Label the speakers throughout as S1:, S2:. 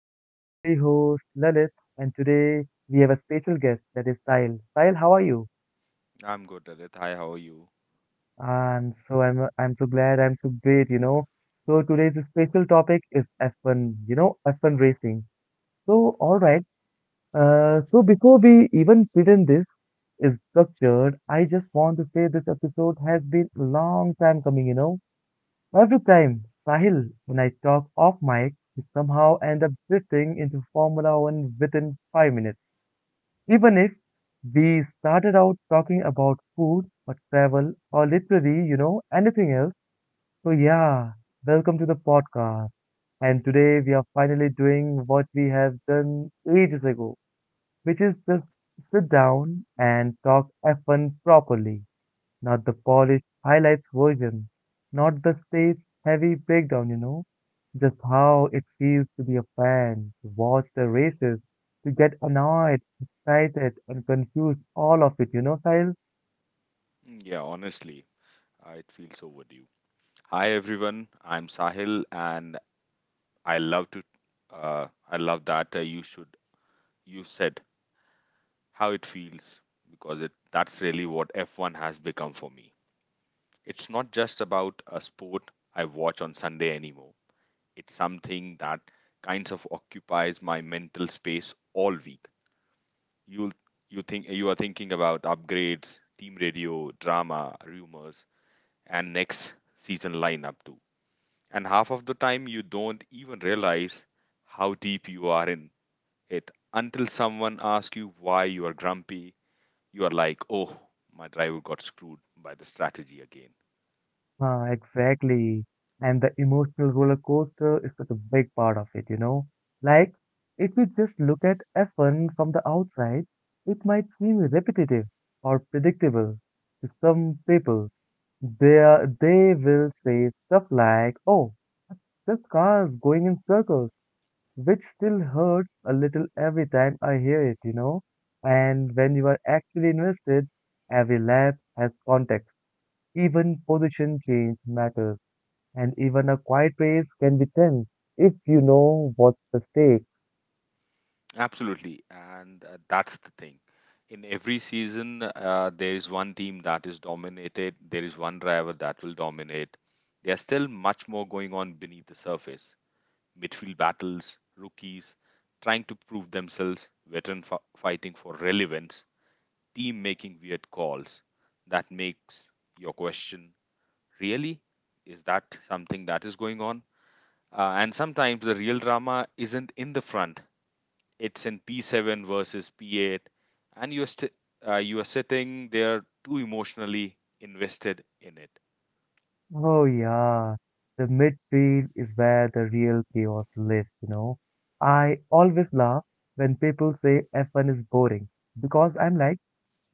S1: This is your lovely host Lalit and today we have a special guest that is Sahil. Sahil, how are you?
S2: I'm good, Adit. Hi, how are you?
S1: And so I'm so glad I'm so great. So today's special topic is F1, F1 racing. So all right. So before we even begin, this is structured, I just want to say this episode has been a long time coming. Every time, Sahil, when I talk off mic, we somehow end up drifting into Formula One within 5 minutes. Even if we started out talking about food or travel or literally, anything else. So, yeah, welcome to the podcast. And today we are finally doing what we have done ages ago, which is just sit down and talk F1 properly. Not the polished highlights version, not the stage heavy breakdown. Just how it feels to be a fan, to watch the races, to get annoyed, excited, and confused, all of it, Sahil?
S2: Yeah, honestly, it feels overdue. Hi, everyone. I'm Sahil, and I love to. I love that you should. You said how it feels because it. That's really what F1 has become for me. It's not just about a sport I watch on Sunday anymore. It's something that kinds of occupies my mental space all week. You'll you think you are thinking about upgrades, team radio, drama, rumors, and next season lineup too. And half of the time you don't even realize how deep you are in it until someone asks you why you are grumpy. You are like, oh, my driver got screwed by the strategy again.
S1: Ah, exactly. And the emotional roller coaster is such a big part of it. Like, if you just look at F1 from the outside, it might seem repetitive or predictable to some people. They will say stuff like, oh, this car is going in circles, which still hurts a little every time I hear it? And when you are actually invested, every lap has context. Even position change matters, and even a quiet race can be tense if you know what's the stake.
S2: Absolutely, and that's the thing. In every season, there is one team that is dominated. There is one driver that will dominate. There's still much more going on beneath the surface. Midfield battles, rookies trying to prove themselves, veteran fighting for relevance, team making weird calls. That makes your question really is that something that is going on? And sometimes the real drama isn't in the front. It's in P7 versus P8, and you are sitting there too emotionally invested in it.
S1: Oh yeah, the midfield is where the real chaos lives. I always laugh when people say F1 is boring because I'm like,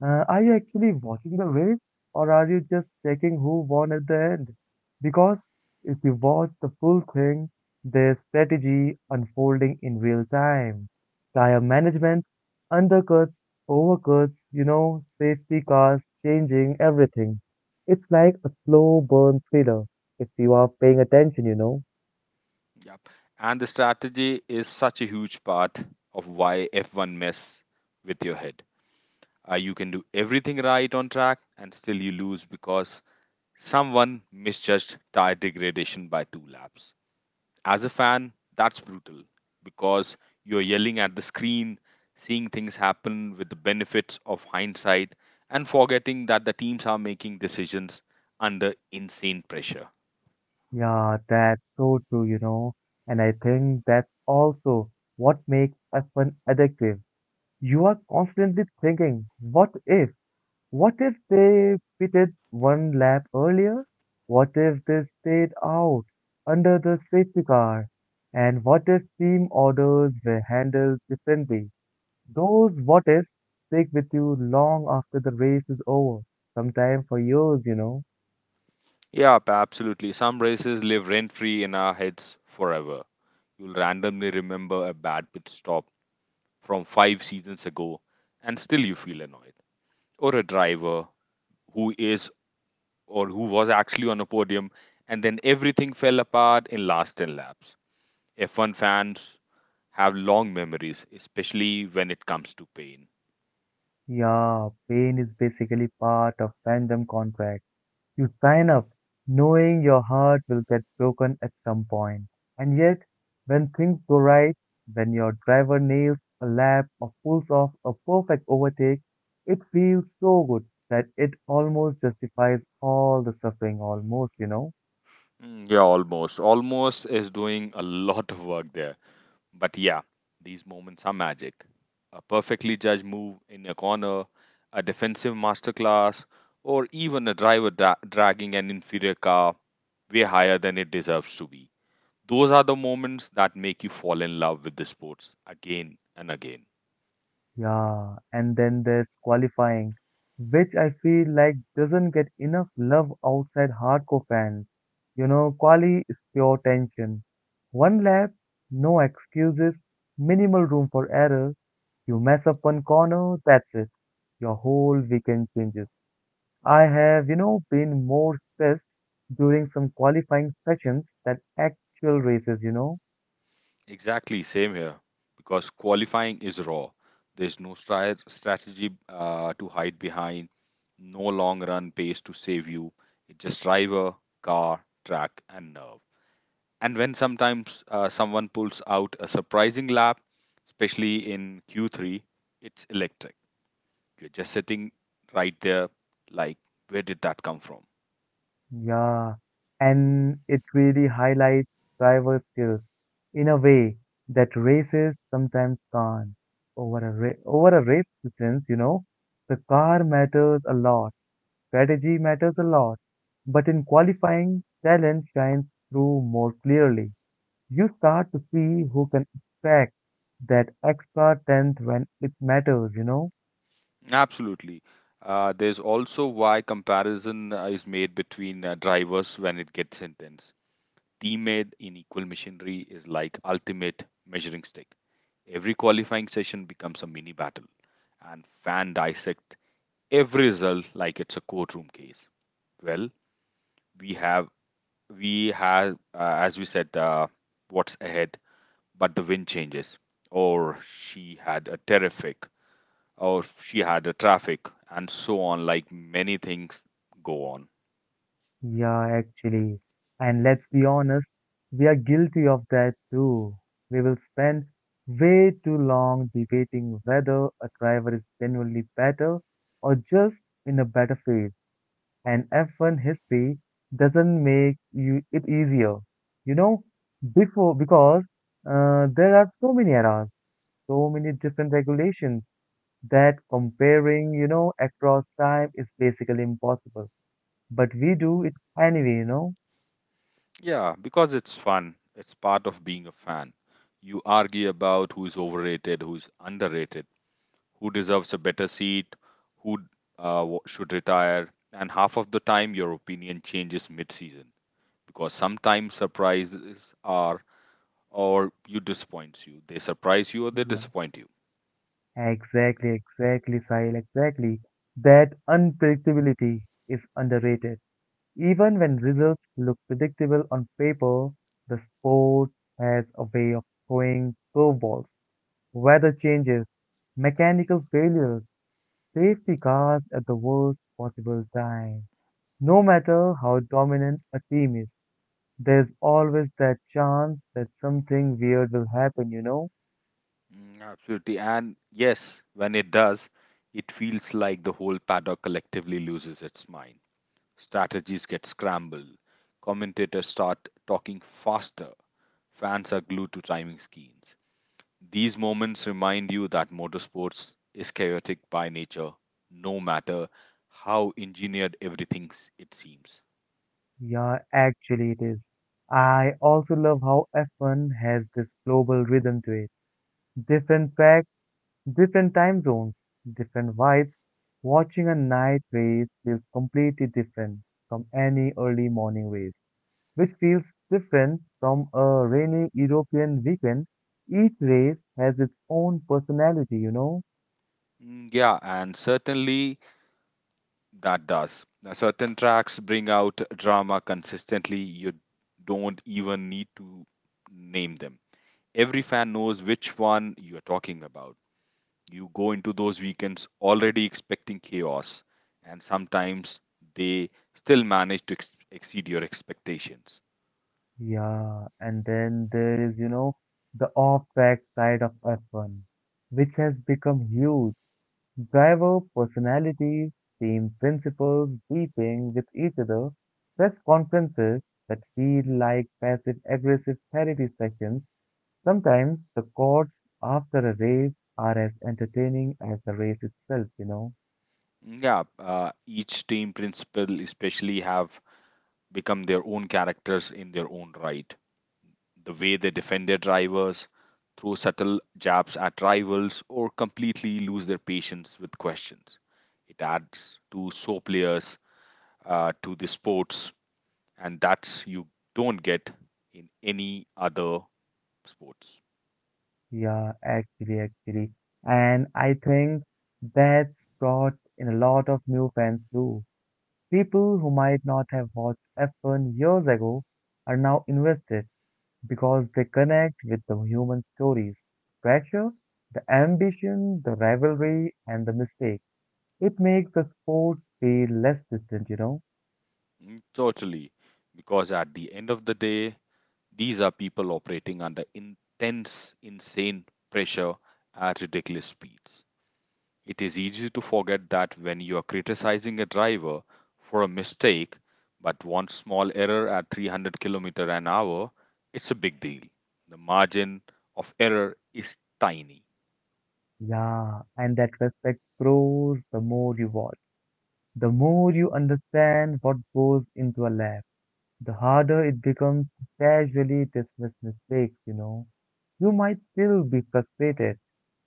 S1: are you actually watching the race or are you just checking who won at the end? Because if you watch the full thing, there's strategy unfolding in real time. Tire management, undercuts, overcuts, safety cars, changing everything. It's like a slow burn thriller if you are paying attention.
S2: Yep. And the strategy is such a huge part of why F1 mess with your head. You can do everything right on track and still you lose because someone misjudged tire degradation by two laps. As a fan, that's brutal because you're yelling at the screen, seeing things happen with the benefits of hindsight, and forgetting that the teams are making decisions under insane pressure.
S1: Yeah, that's so true. And I think that's also what makes F1 addictive. You are constantly thinking, what if? What if they pitted one lap earlier? What if they stayed out under the safety car? And what if team orders were handled differently? Those what ifs stick with you long after the race is over, sometimes for years.
S2: Yeah, absolutely. Some races live rent free in our heads forever. You'll randomly remember a bad pit stop from five seasons ago, and still you feel annoyed. Or a driver who is or who was actually on a podium, and then everything fell apart in last 10 laps. F1 fans have long memories, especially when it comes to pain.
S1: Yeah, pain is basically part of fandom contract. You sign up knowing your heart will get broken at some point. And yet, when things go right, when your driver nails a lap or pulls off a perfect overtake, it feels so good that it almost justifies all the suffering, almost.
S2: Yeah, almost. Almost is doing a lot of work there. But yeah, these moments are magic. A perfectly judged move in a corner, a defensive masterclass, or even a driver dragging an inferior car way higher than it deserves to be. Those are the moments that make you fall in love with the sports again and again.
S1: Yeah, and then there's qualifying, which I feel like doesn't get enough love outside hardcore fans. Quali is pure tension. One lap, no excuses, minimal room for error. You mess up one corner, that's it. Your whole weekend changes. I have, been more stressed during some qualifying sessions than actual races.
S2: Exactly, same here. Because qualifying is raw. There's no strategy to hide behind, no long run pace to save you. It's just driver, car, track, and nerve. And when sometimes someone pulls out a surprising lap, especially in Q3, it's electric. You're just sitting right there, like, where did that come from?
S1: Yeah, and it really highlights driver skills in a way that races sometimes can't. Over a race distance, the car matters a lot, strategy matters a lot, but in qualifying, talent shines through more clearly. You start to see who can extract that extra tenth when it matters.
S2: Absolutely. There's also why comparison is made between drivers when it gets intense. Teammate in equal machinery is like ultimate measuring stick. Every qualifying session becomes a mini battle, and fan dissect every result like it's a courtroom case. Well, we have we have as we said, what's ahead, but the wind changes, or she had a terrific, or she had a traffic, and so on. Like many things go on.
S1: Yeah, actually. And let's be honest, we are guilty of that too. We will spend way too long debating whether a driver is genuinely better or just in a better phase. And F1 history doesn't make you it easier. You know, before because there are so many eras, so many different regulations that comparing, across time is basically impossible. But we do it anyway.
S2: Yeah, because it's fun. It's part of being a fan. You argue about who is overrated, who is underrated, who deserves a better seat, who should retire, and half of the time your opinion changes mid-season because sometimes surprises are or you disappoints you. They surprise you or they
S1: Yeah,
S2: disappoint you.
S1: exactly, exactly, Sahil, exactly. That unpredictability is underrated. Even when results look predictable on paper, the sport has a way of throwing curveballs, weather changes, mechanical failures, safety cars at the worst possible time. No matter how dominant a team is, there's always that chance that something weird will happen?
S2: Absolutely. And yes, when it does, it feels like the whole paddock collectively loses its mind. Strategies get scrambled. Commentators start talking faster. Fans are glued to timing screens. These moments remind you that motorsports is chaotic by nature, no matter how engineered everything it seems.
S1: Yeah, actually it is. I also love how F1 has this global rhythm to it. Different tracks, different time zones, different vibes. Watching a night race feels completely different from any early morning race, which feels different from a rainy European weekend. Each race has its own personality?
S2: Yeah, and certainly that does. Now, certain tracks bring out drama consistently. You don't even need to name them. Every fan knows which one you are talking about. You go into those weekends already expecting chaos, and sometimes they still manage to exceed your expectations.
S1: Yeah, and then there is, the off-track side of F1, which has become huge. Driver personalities, team principles, beefing with each other, press conferences that feel like passive aggressive therapy sessions. Sometimes the chords after a race are as entertaining as the race itself?
S2: Yeah, each team principal especially have become their own characters in their own right. The way they defend their drivers, throw subtle jabs at rivals, or completely lose their patience with questions. It adds to so players to the sports, and that's you don't get in any other sports.
S1: Yeah, actually, actually. And I think that's brought in a lot of new fans too. People who might not have watched F1 years ago are now invested because they connect with the human stories, pressure, the ambition, the rivalry, and the mistake. It makes the sports feel less distant?
S2: Totally. Because at the end of the day, these are people operating under intense, insane pressure at ridiculous speeds. It is easy to forget that when you are criticizing a driver for a mistake, but one small error at 300-kilometer an hour, it's a big deal. The margin of error is tiny.
S1: Yeah, and that respect grows the more you watch. The more you understand what goes into a lab, the harder it becomes to casually dismiss mistakes, you know? You might still be frustrated,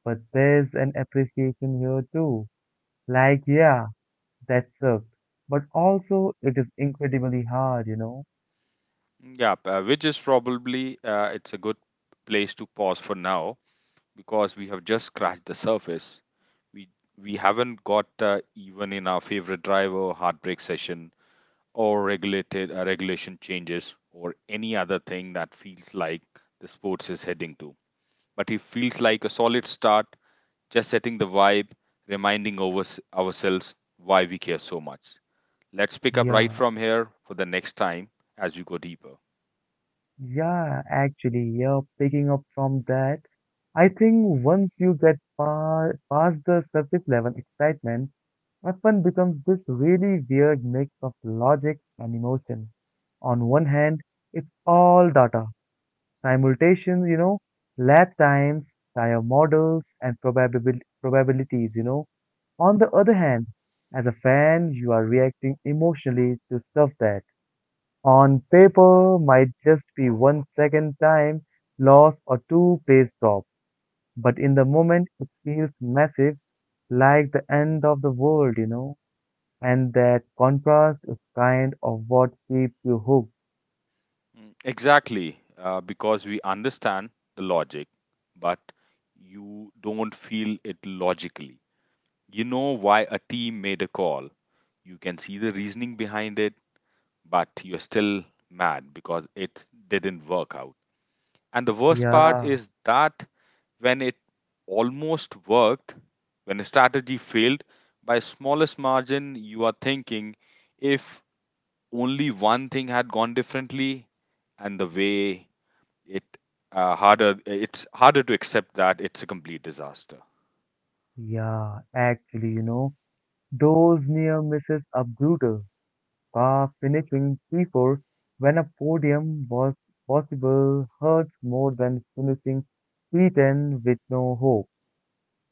S1: but there's an appreciation here too. Like, yeah, that sucked. But also, it is incredibly hard?
S2: Yeah, which is probably it's a good place to pause for now because we have just scratched the surface. We we haven't got even in our favorite driver heartbreak session or regulated regulation changes or any other thing that feels like the sports is heading to. But it feels like a solid start, just setting the vibe, reminding over ourselves why we care so much. Let's pick up right
S1: Yeah,
S2: from here for the next time as we go deeper.
S1: yeah, actually, yeah, picking up from that, I think once you get pa past the surface level excitement, F1 becomes this really weird mix of logic and emotion. On one hand, it's all data, simultations, lab times, tire models, and probabilities. On the other hand, as a fan, you are reacting emotionally to stuff that on paper might just be 1 second time loss or two plays drop, but in the moment it feels massive, like the end of the world. And that contrast is kind of what keeps you hooked.
S2: Exactly, because we understand the logic, but you don't feel it logically. You know why a team made a call, you can see the reasoning behind it, but you're still mad because it didn't work out. And the worst part
S1: Yeah,
S2: is that when it almost worked, when a strategy failed by smallest margin, you are thinking if only one thing had gone differently, and the way it it's harder to accept that it's a complete disaster.
S1: yeah, actually. Those near misses are brutal, far finishing P4 when a podium was possible hurts more than finishing P10 with no hope.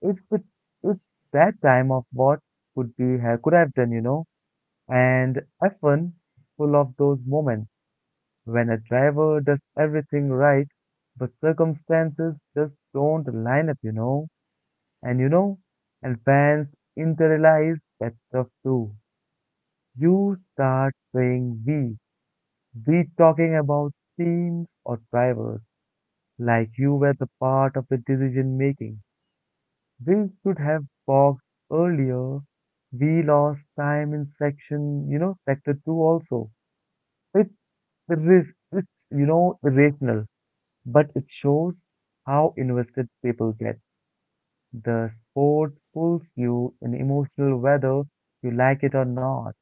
S1: It's, it's that time of what could have done. And F1 is full of those moments when a driver does everything right, but circumstances just don't line up. And you know, and fans internalize that stuff too. You start saying we talking about teams or drivers, like you were the part of the decision making. We should have boxed earlier. We lost time in section, sector two also. It's risk, it's, irrational, but it shows how invested people get. The sport pulls you in emotional whether you like it or not.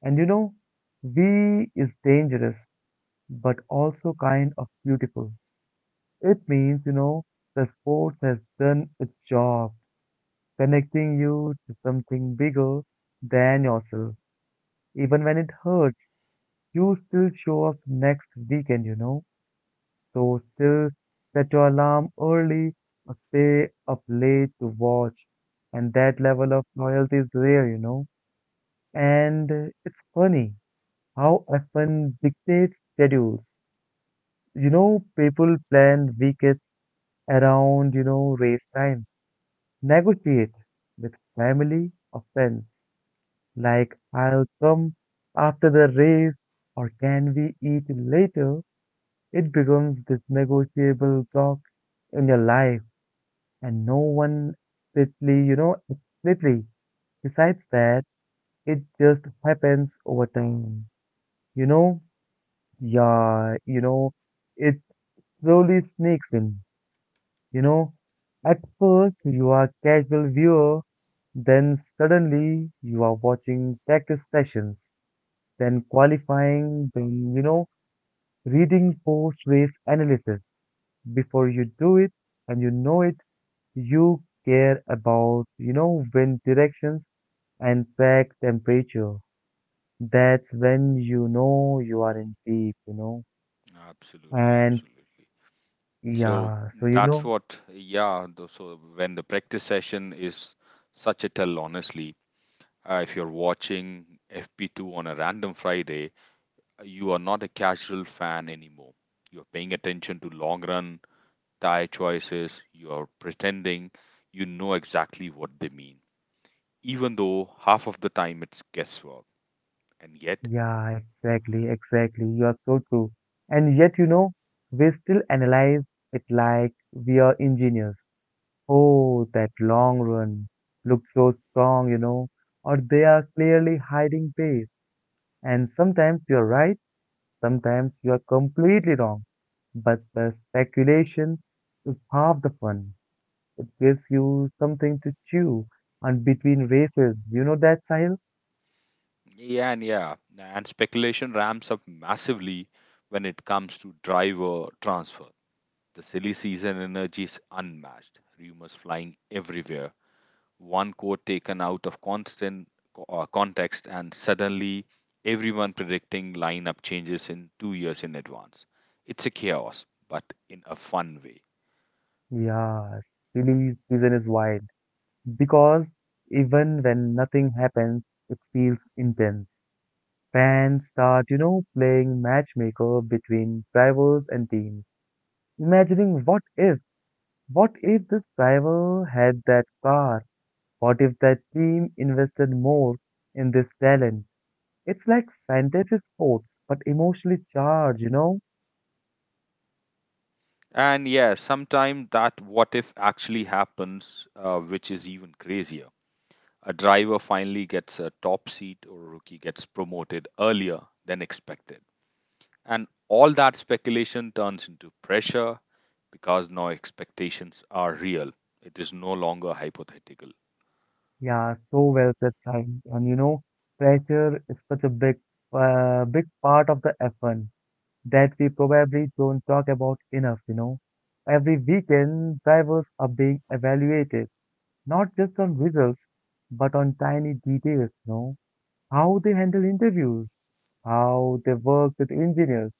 S1: And we is dangerous but also kind of beautiful. It means, the sports has done its job, connecting you to something bigger than yourself. Even when it hurts, you still show up next weekend. So still set your alarm early or stay up late to watch. And that level of loyalty is rare. And it's funny how often dictates schedules. People plan weekends around, race times. Negotiate with family or friends, like I'll come after the race or can we eat later? It becomes this negotiable block in your life, and no one explicitly, explicitly decides that. It just happens over time. You know, yeah, it slowly sneaks in. You know, at first you are casual viewer, then suddenly you are watching practice sessions, then qualifying, then, reading post race analysis. Before you do it and you know it, you care about, wind directions and track temperature. That's when you know you are in deep.
S2: Absolutely,
S1: And
S2: absolutely. So
S1: yeah, so you
S2: that's
S1: know.
S2: what, yeah. So when the practice session is such a tell, honestly, if you're watching FP2 on a random Friday, you are not a casual fan anymore. You're paying attention to long run tire choices, you're pretending you know exactly what they mean, even though half of the time it's guesswork. And yet,
S1: Yeah, exactly, exactly. You are so true. And yet, we still analyze it like we are engineers. Oh, that long run looks so strong, or they are clearly hiding base. And sometimes you're right, sometimes you are completely wrong. But the speculation is half the fun. It gives you something to chew on between races. You know that, Sahil?
S2: yeah, and speculation ramps up massively when it comes to driver transfer. The silly season energy is unmatched, rumors flying everywhere, one quote taken out of constant context and suddenly everyone predicting lineup changes in 2 years in advance. It's a chaos but in a fun way.
S1: Yeah, silly season is wild. Because even when nothing happens, it feels intense. Fans start, playing matchmaker between drivers and teams, imagining what if this driver had that car? What if that team invested more in this talent? It's like fantasy sports, but emotionally charged?
S2: And yeah, sometimes that what if actually happens, which is even crazier. A driver finally gets a top seat or a rookie gets promoted earlier than expected, and all that speculation turns into pressure because now expectations are real. It is no longer hypothetical.
S1: Yeah, so well said, Shaheen. And pressure is such a big, big part of the F1 that we probably don't talk about enough. Every weekend, drivers are being evaluated, not just on results, but on tiny details. How they handle interviews, how they work with engineers,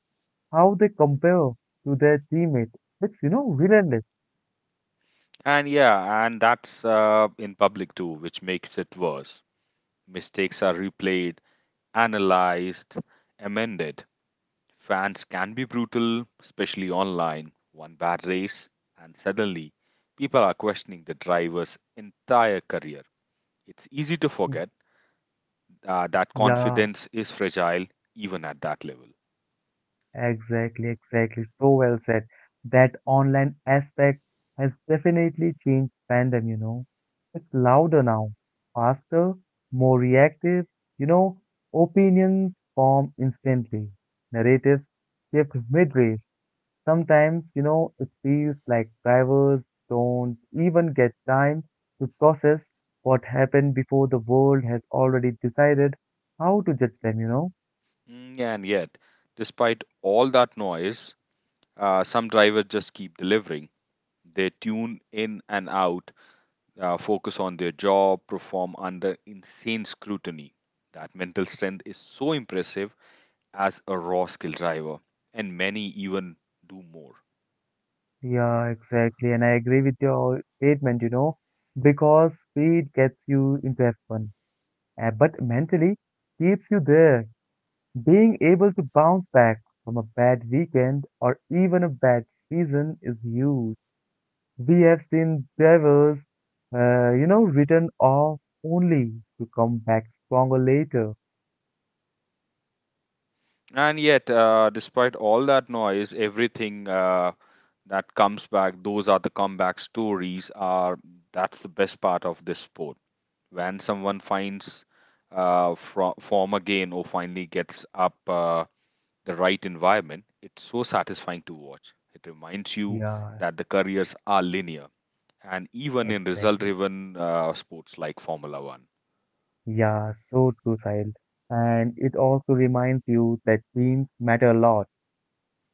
S1: how they compare to their teammates. It's, relentless.
S2: And yeah, and that's in public too, which makes it worse. Mistakes are replayed, analyzed, amended. Fans can be brutal, especially online. One bad race, and suddenly people are questioning the driver's entire career. It's easy to forget that
S1: Yeah.
S2: confidence is fragile even at that level.
S1: Exactly, exactly. So well said. That online aspect has definitely changed fandom. It's louder now, faster, more reactive, you know. Opinions form instantly. Narratives shift mid-race. Sometimes, you know, it feels like drivers don't even get time to process what happened before the world has already decided how to judge them.
S2: Yeah, and yet, despite all that noise, some drivers just keep delivering. They tune in and out, focus on their job, perform under insane scrutiny. That mental strength is so impressive as a raw skill driver, and many even do more.
S1: Yeah, exactly. And I agree with your statement, you know, because speed gets you into F1, but mentally keeps you there. Being able to bounce back from a bad weekend or even a bad season is huge. We have seen drivers, you know, written off only to come back stronger later.
S2: And yet, despite all that noise, everything that comes back, those are the comeback stories, are that's the best part of this sport. When someone finds form again or finally gets up the right environment, it's so satisfying to watch. It reminds you
S1: Yeah,
S2: that the careers are linear, and even in result
S1: exactly.
S2: driven sports like Formula One.
S1: Yeah, so true, child. And it also reminds you that teams matter a lot.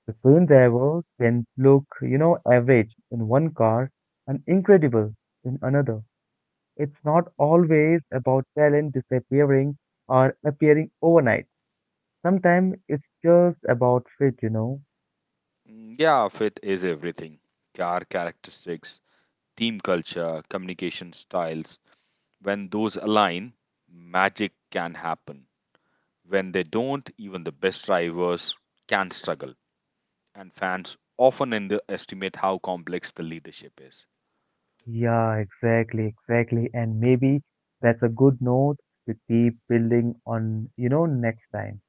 S1: The film driver can look, you know, average in one car and incredible in another. It's not always about talent disappearing or appearing overnight. Sometimes it's just about fit.
S2: Yeah, fit is everything. Car characteristics, team culture, communication styles. When those align, magic can happen. When they don't, even the best drivers can struggle, and fans often underestimate how complex the leadership is.
S1: Yeah, exactly, exactly. And maybe that's a good note to keep building on, you know, next time.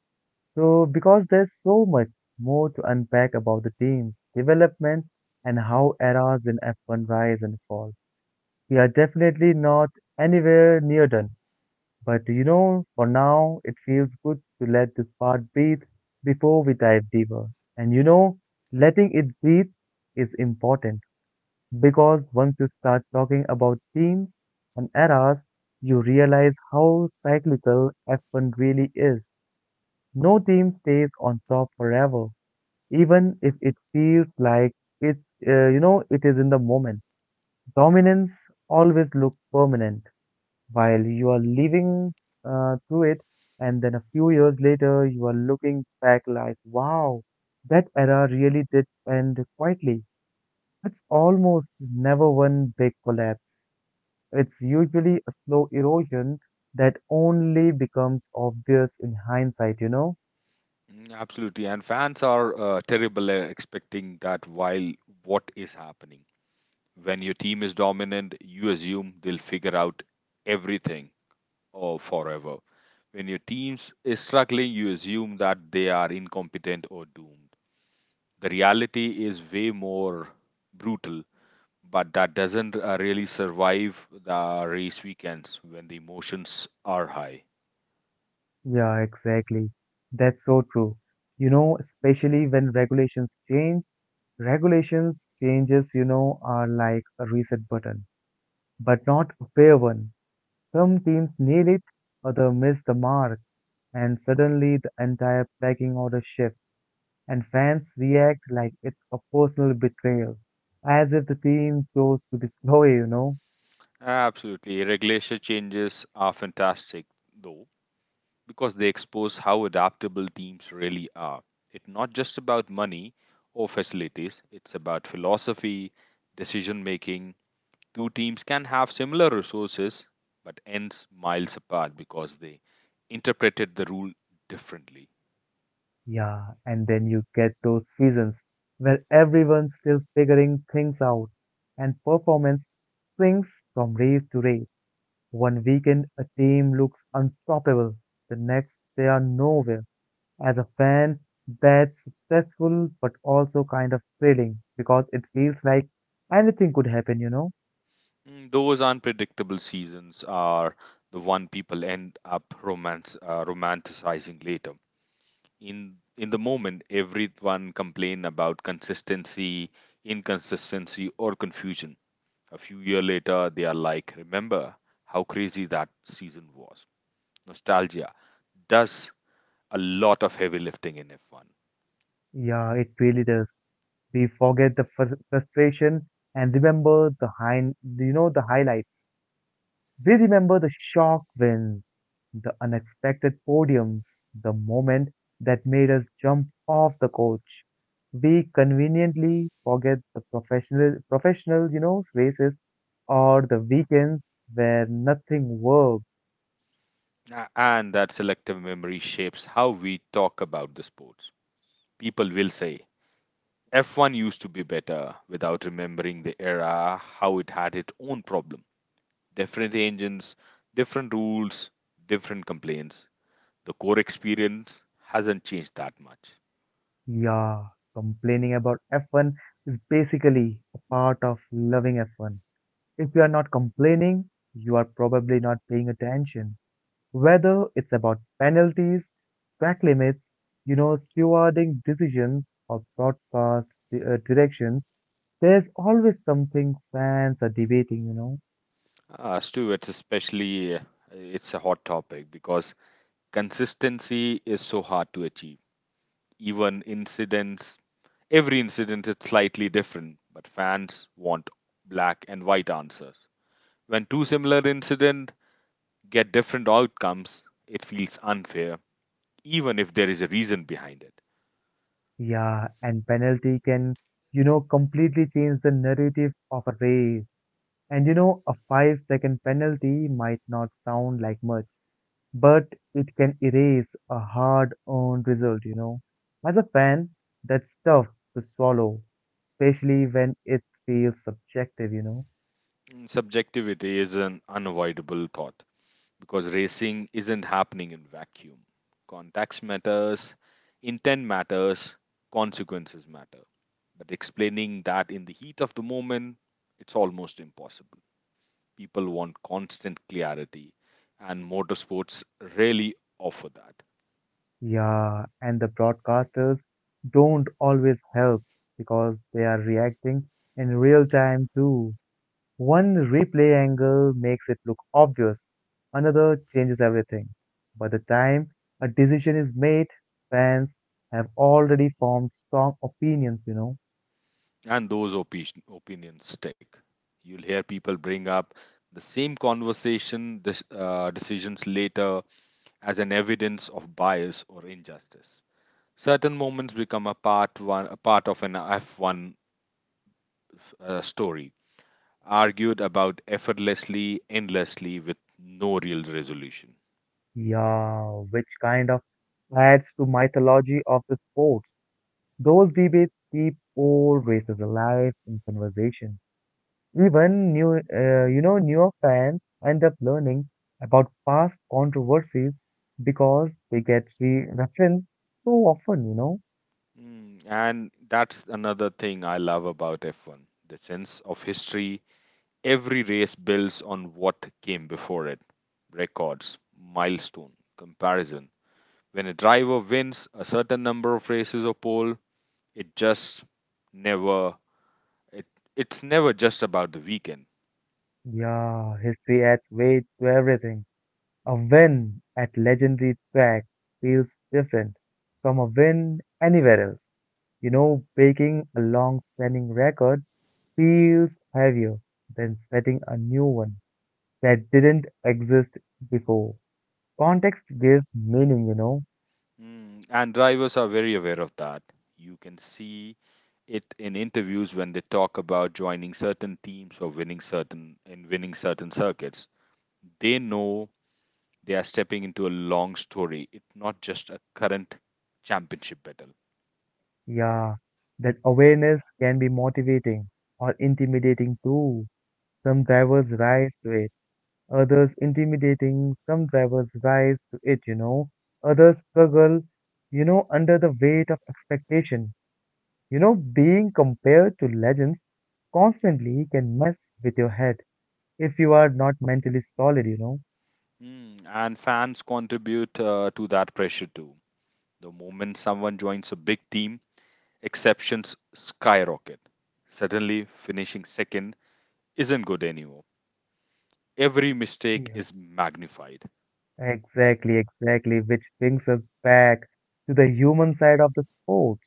S1: So, because there's so much more to unpack about the team's development and how eras in F1 rise and fall. We are definitely not anywhere near done, but you know, for now, it feels good to let this part breathe before we dive deeper. And you know, letting it breathe is important because once you start talking about teams and eras, you realize how cyclical F1 really is. No team stays on top forever, even if it feels like it's, it is in the moment. Dominance always looks permanent while you are living through it, and then a few years later, you are looking back like, wow, that era really did end quietly. It's almost never one big collapse. It's usually a slow erosion that only becomes obvious in hindsight, you know?
S2: Absolutely. And fans are terrible at expecting that while what is happening. When your team is dominant, you assume they'll figure out everything or forever. When your team is struggling, you assume that they are incompetent or doomed. The reality is way more brutal, but that doesn't really survive the race weekends when the emotions are high.
S1: Yeah, exactly. That's so true. You know, especially when regulations change, regulations changes, you know, are like a reset button, but not a fair one. Some teams nail it, others miss the mark, and suddenly the entire pecking order shifts, and fans react like it's a personal betrayal, as if the team chose to destroy, you know?
S2: Absolutely. Regulation changes are fantastic, though because they expose how adaptable teams really are. It's not just about money or facilities, it's about philosophy, decision making. Two teams can have similar resources but ends miles apart because they interpreted the rule differently.
S1: Yeah, and then you get those seasons where everyone's still figuring things out, and performance swings from race to race. One weekend, a team looks unstoppable, the next, they are nowhere. As a fan, that's stressful but also kind of thrilling because it feels like anything could happen, you know?
S2: Those unpredictable seasons are the one people end up romanticizing later. In the moment, everyone complain about consistency, inconsistency, or confusion. A few years later, they are like, remember how crazy that season was. Nostalgia does a lot of heavy lifting in F1,
S1: Yeah, it really does. We forget the frustration and remember the high, you know, the highlights. We remember the shock wins, the unexpected podiums, the moment that made us jump off the coach. We conveniently forget the professional, you know, races or the weekends where nothing worked.
S2: and that selective memory shapes how we talk about the sports. People will say, F1 used to be better without remembering the era, how it had its own problem. Different engines, different rules, different complaints. The core experience hasn't changed that much.
S1: Yeah, complaining about F1 is basically a part of loving F1. If you are not complaining, you are probably not paying attention. Whether it's about penalties, track limits, you know, stewarding decisions or broadcast directions, there's always something fans are debating, you know.
S2: Uh, Stu, it's especially uh, it's a hot topic because consistency is so hard to achieve. Even incidents, every incident is slightly different, but fans want black and white answers. When two similar incidents get different outcomes, it feels unfair, even if there is a reason behind it.
S1: Yeah, and penalty can, you know, completely change the narrative of a race. And you know, a 5 second penalty might not sound like much, but it can erase a hard earned result. As a fan, that's tough to swallow, especially when it feels subjective, you know.
S2: Subjectivity is an unavoidable thought, because racing isn't happening in vacuum. Context matters, intent matters, consequences matter. But explaining that in the heat of the moment, it's almost impossible. People want constant clarity, and motorsports really offer that.
S1: Yeah, and the broadcasters don't always help because they are reacting in real time too. One replay angle makes it look obvious, another changes everything. By the time a decision is made, fans have already formed strong opinions, you know.
S2: And those opinions stick. You'll hear people bring up the same conversation decisions later as an evidence of bias or injustice. Certain moments become a part of an F1 story, argued about effortlessly, endlessly, with no real resolution.
S1: Yeah, which kind of adds to mythology of the sports. Those debates keep old races alive in conversation. Even you know, newer fans end up learning about past controversies because they get re referenced so often, you know.
S2: And that's another thing I love about F1, the sense of history. Every race builds on what came before it. Records, milestone, comparison. When a driver wins a certain number of races or pole, it just never it, it's never just about the weekend.
S1: Yeah, history adds weight to everything. A win at legendary track feels different from a win anywhere else. You know, breaking a long-standing record feels heavier than setting a new one that didn't exist before. Context gives meaning, you know.
S2: And drivers are very aware of that. You can see it in interviews when they talk about joining certain teams or winning certain circuits. They know they are stepping into a long story. It's not just a current championship battle.
S1: Yeah, that awareness can be motivating or intimidating too. Some drivers rise to it, others intimidating, some drivers rise to it, you know. Others struggle, you know, under the weight of expectation. You know, being compared to legends constantly can mess with your head if you are not mentally solid, you know.
S2: And fans contribute to that pressure too. The moment someone joins a big team, exceptions skyrocket. Suddenly, finishing second isn't good anymore. Every mistake
S1: Yeah.
S2: is magnified.
S1: Exactly, exactly, which brings us back to the human side of the sports.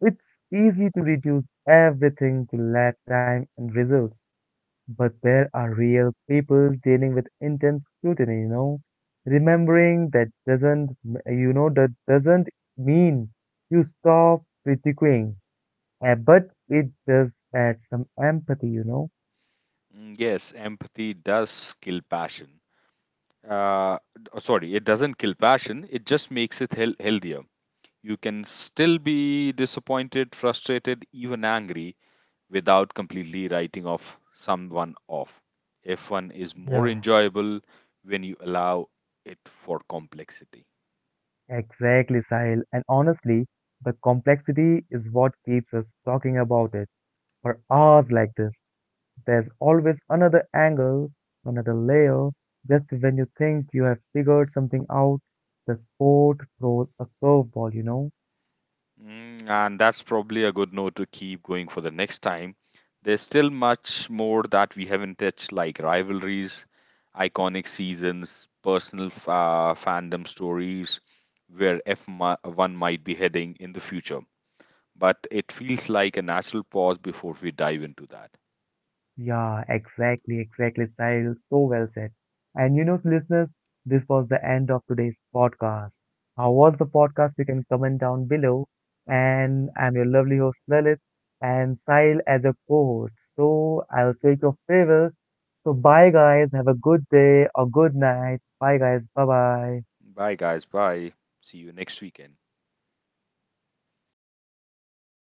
S1: It's easy to reduce everything to lap time and results, but there are real people dealing with intense scrutiny, you know. Remembering that doesn't, m- you know, that doesn't mean you stop critiquing, but it does add some empathy, you know.
S2: Yes, empathy does kill passion. Oh, sorry, it doesn't kill passion, it just makes it healthier. You can still be disappointed, frustrated, even angry without completely writing off someone off. F1 is more
S1: Yeah.
S2: enjoyable when you allow it for complexity.
S1: Exactly, Sahil. And honestly, the complexity is what keeps us talking about it for hours like this. There's always another angle, another layer. Just when you think you have figured something out, the sport throws a curveball, you know?
S2: And that's probably a good note to keep going for the next time. There's still much more that we haven't touched, like rivalries, iconic seasons, personal fandom stories, where F1 might be heading in the future. But it feels like a natural pause before we dive into that.
S1: Yeah, exactly, exactly, Sahil. So well said. And you know, listeners, this was the end of today's podcast. How was the podcast? You can comment down below. And I'm your lovely host, Lalit, and Sahil as a co-host. So I'll take your favors. So bye, guys. Have a good day or good night. Bye, guys. Bye-bye.
S2: Bye, guys. Bye. See you next weekend.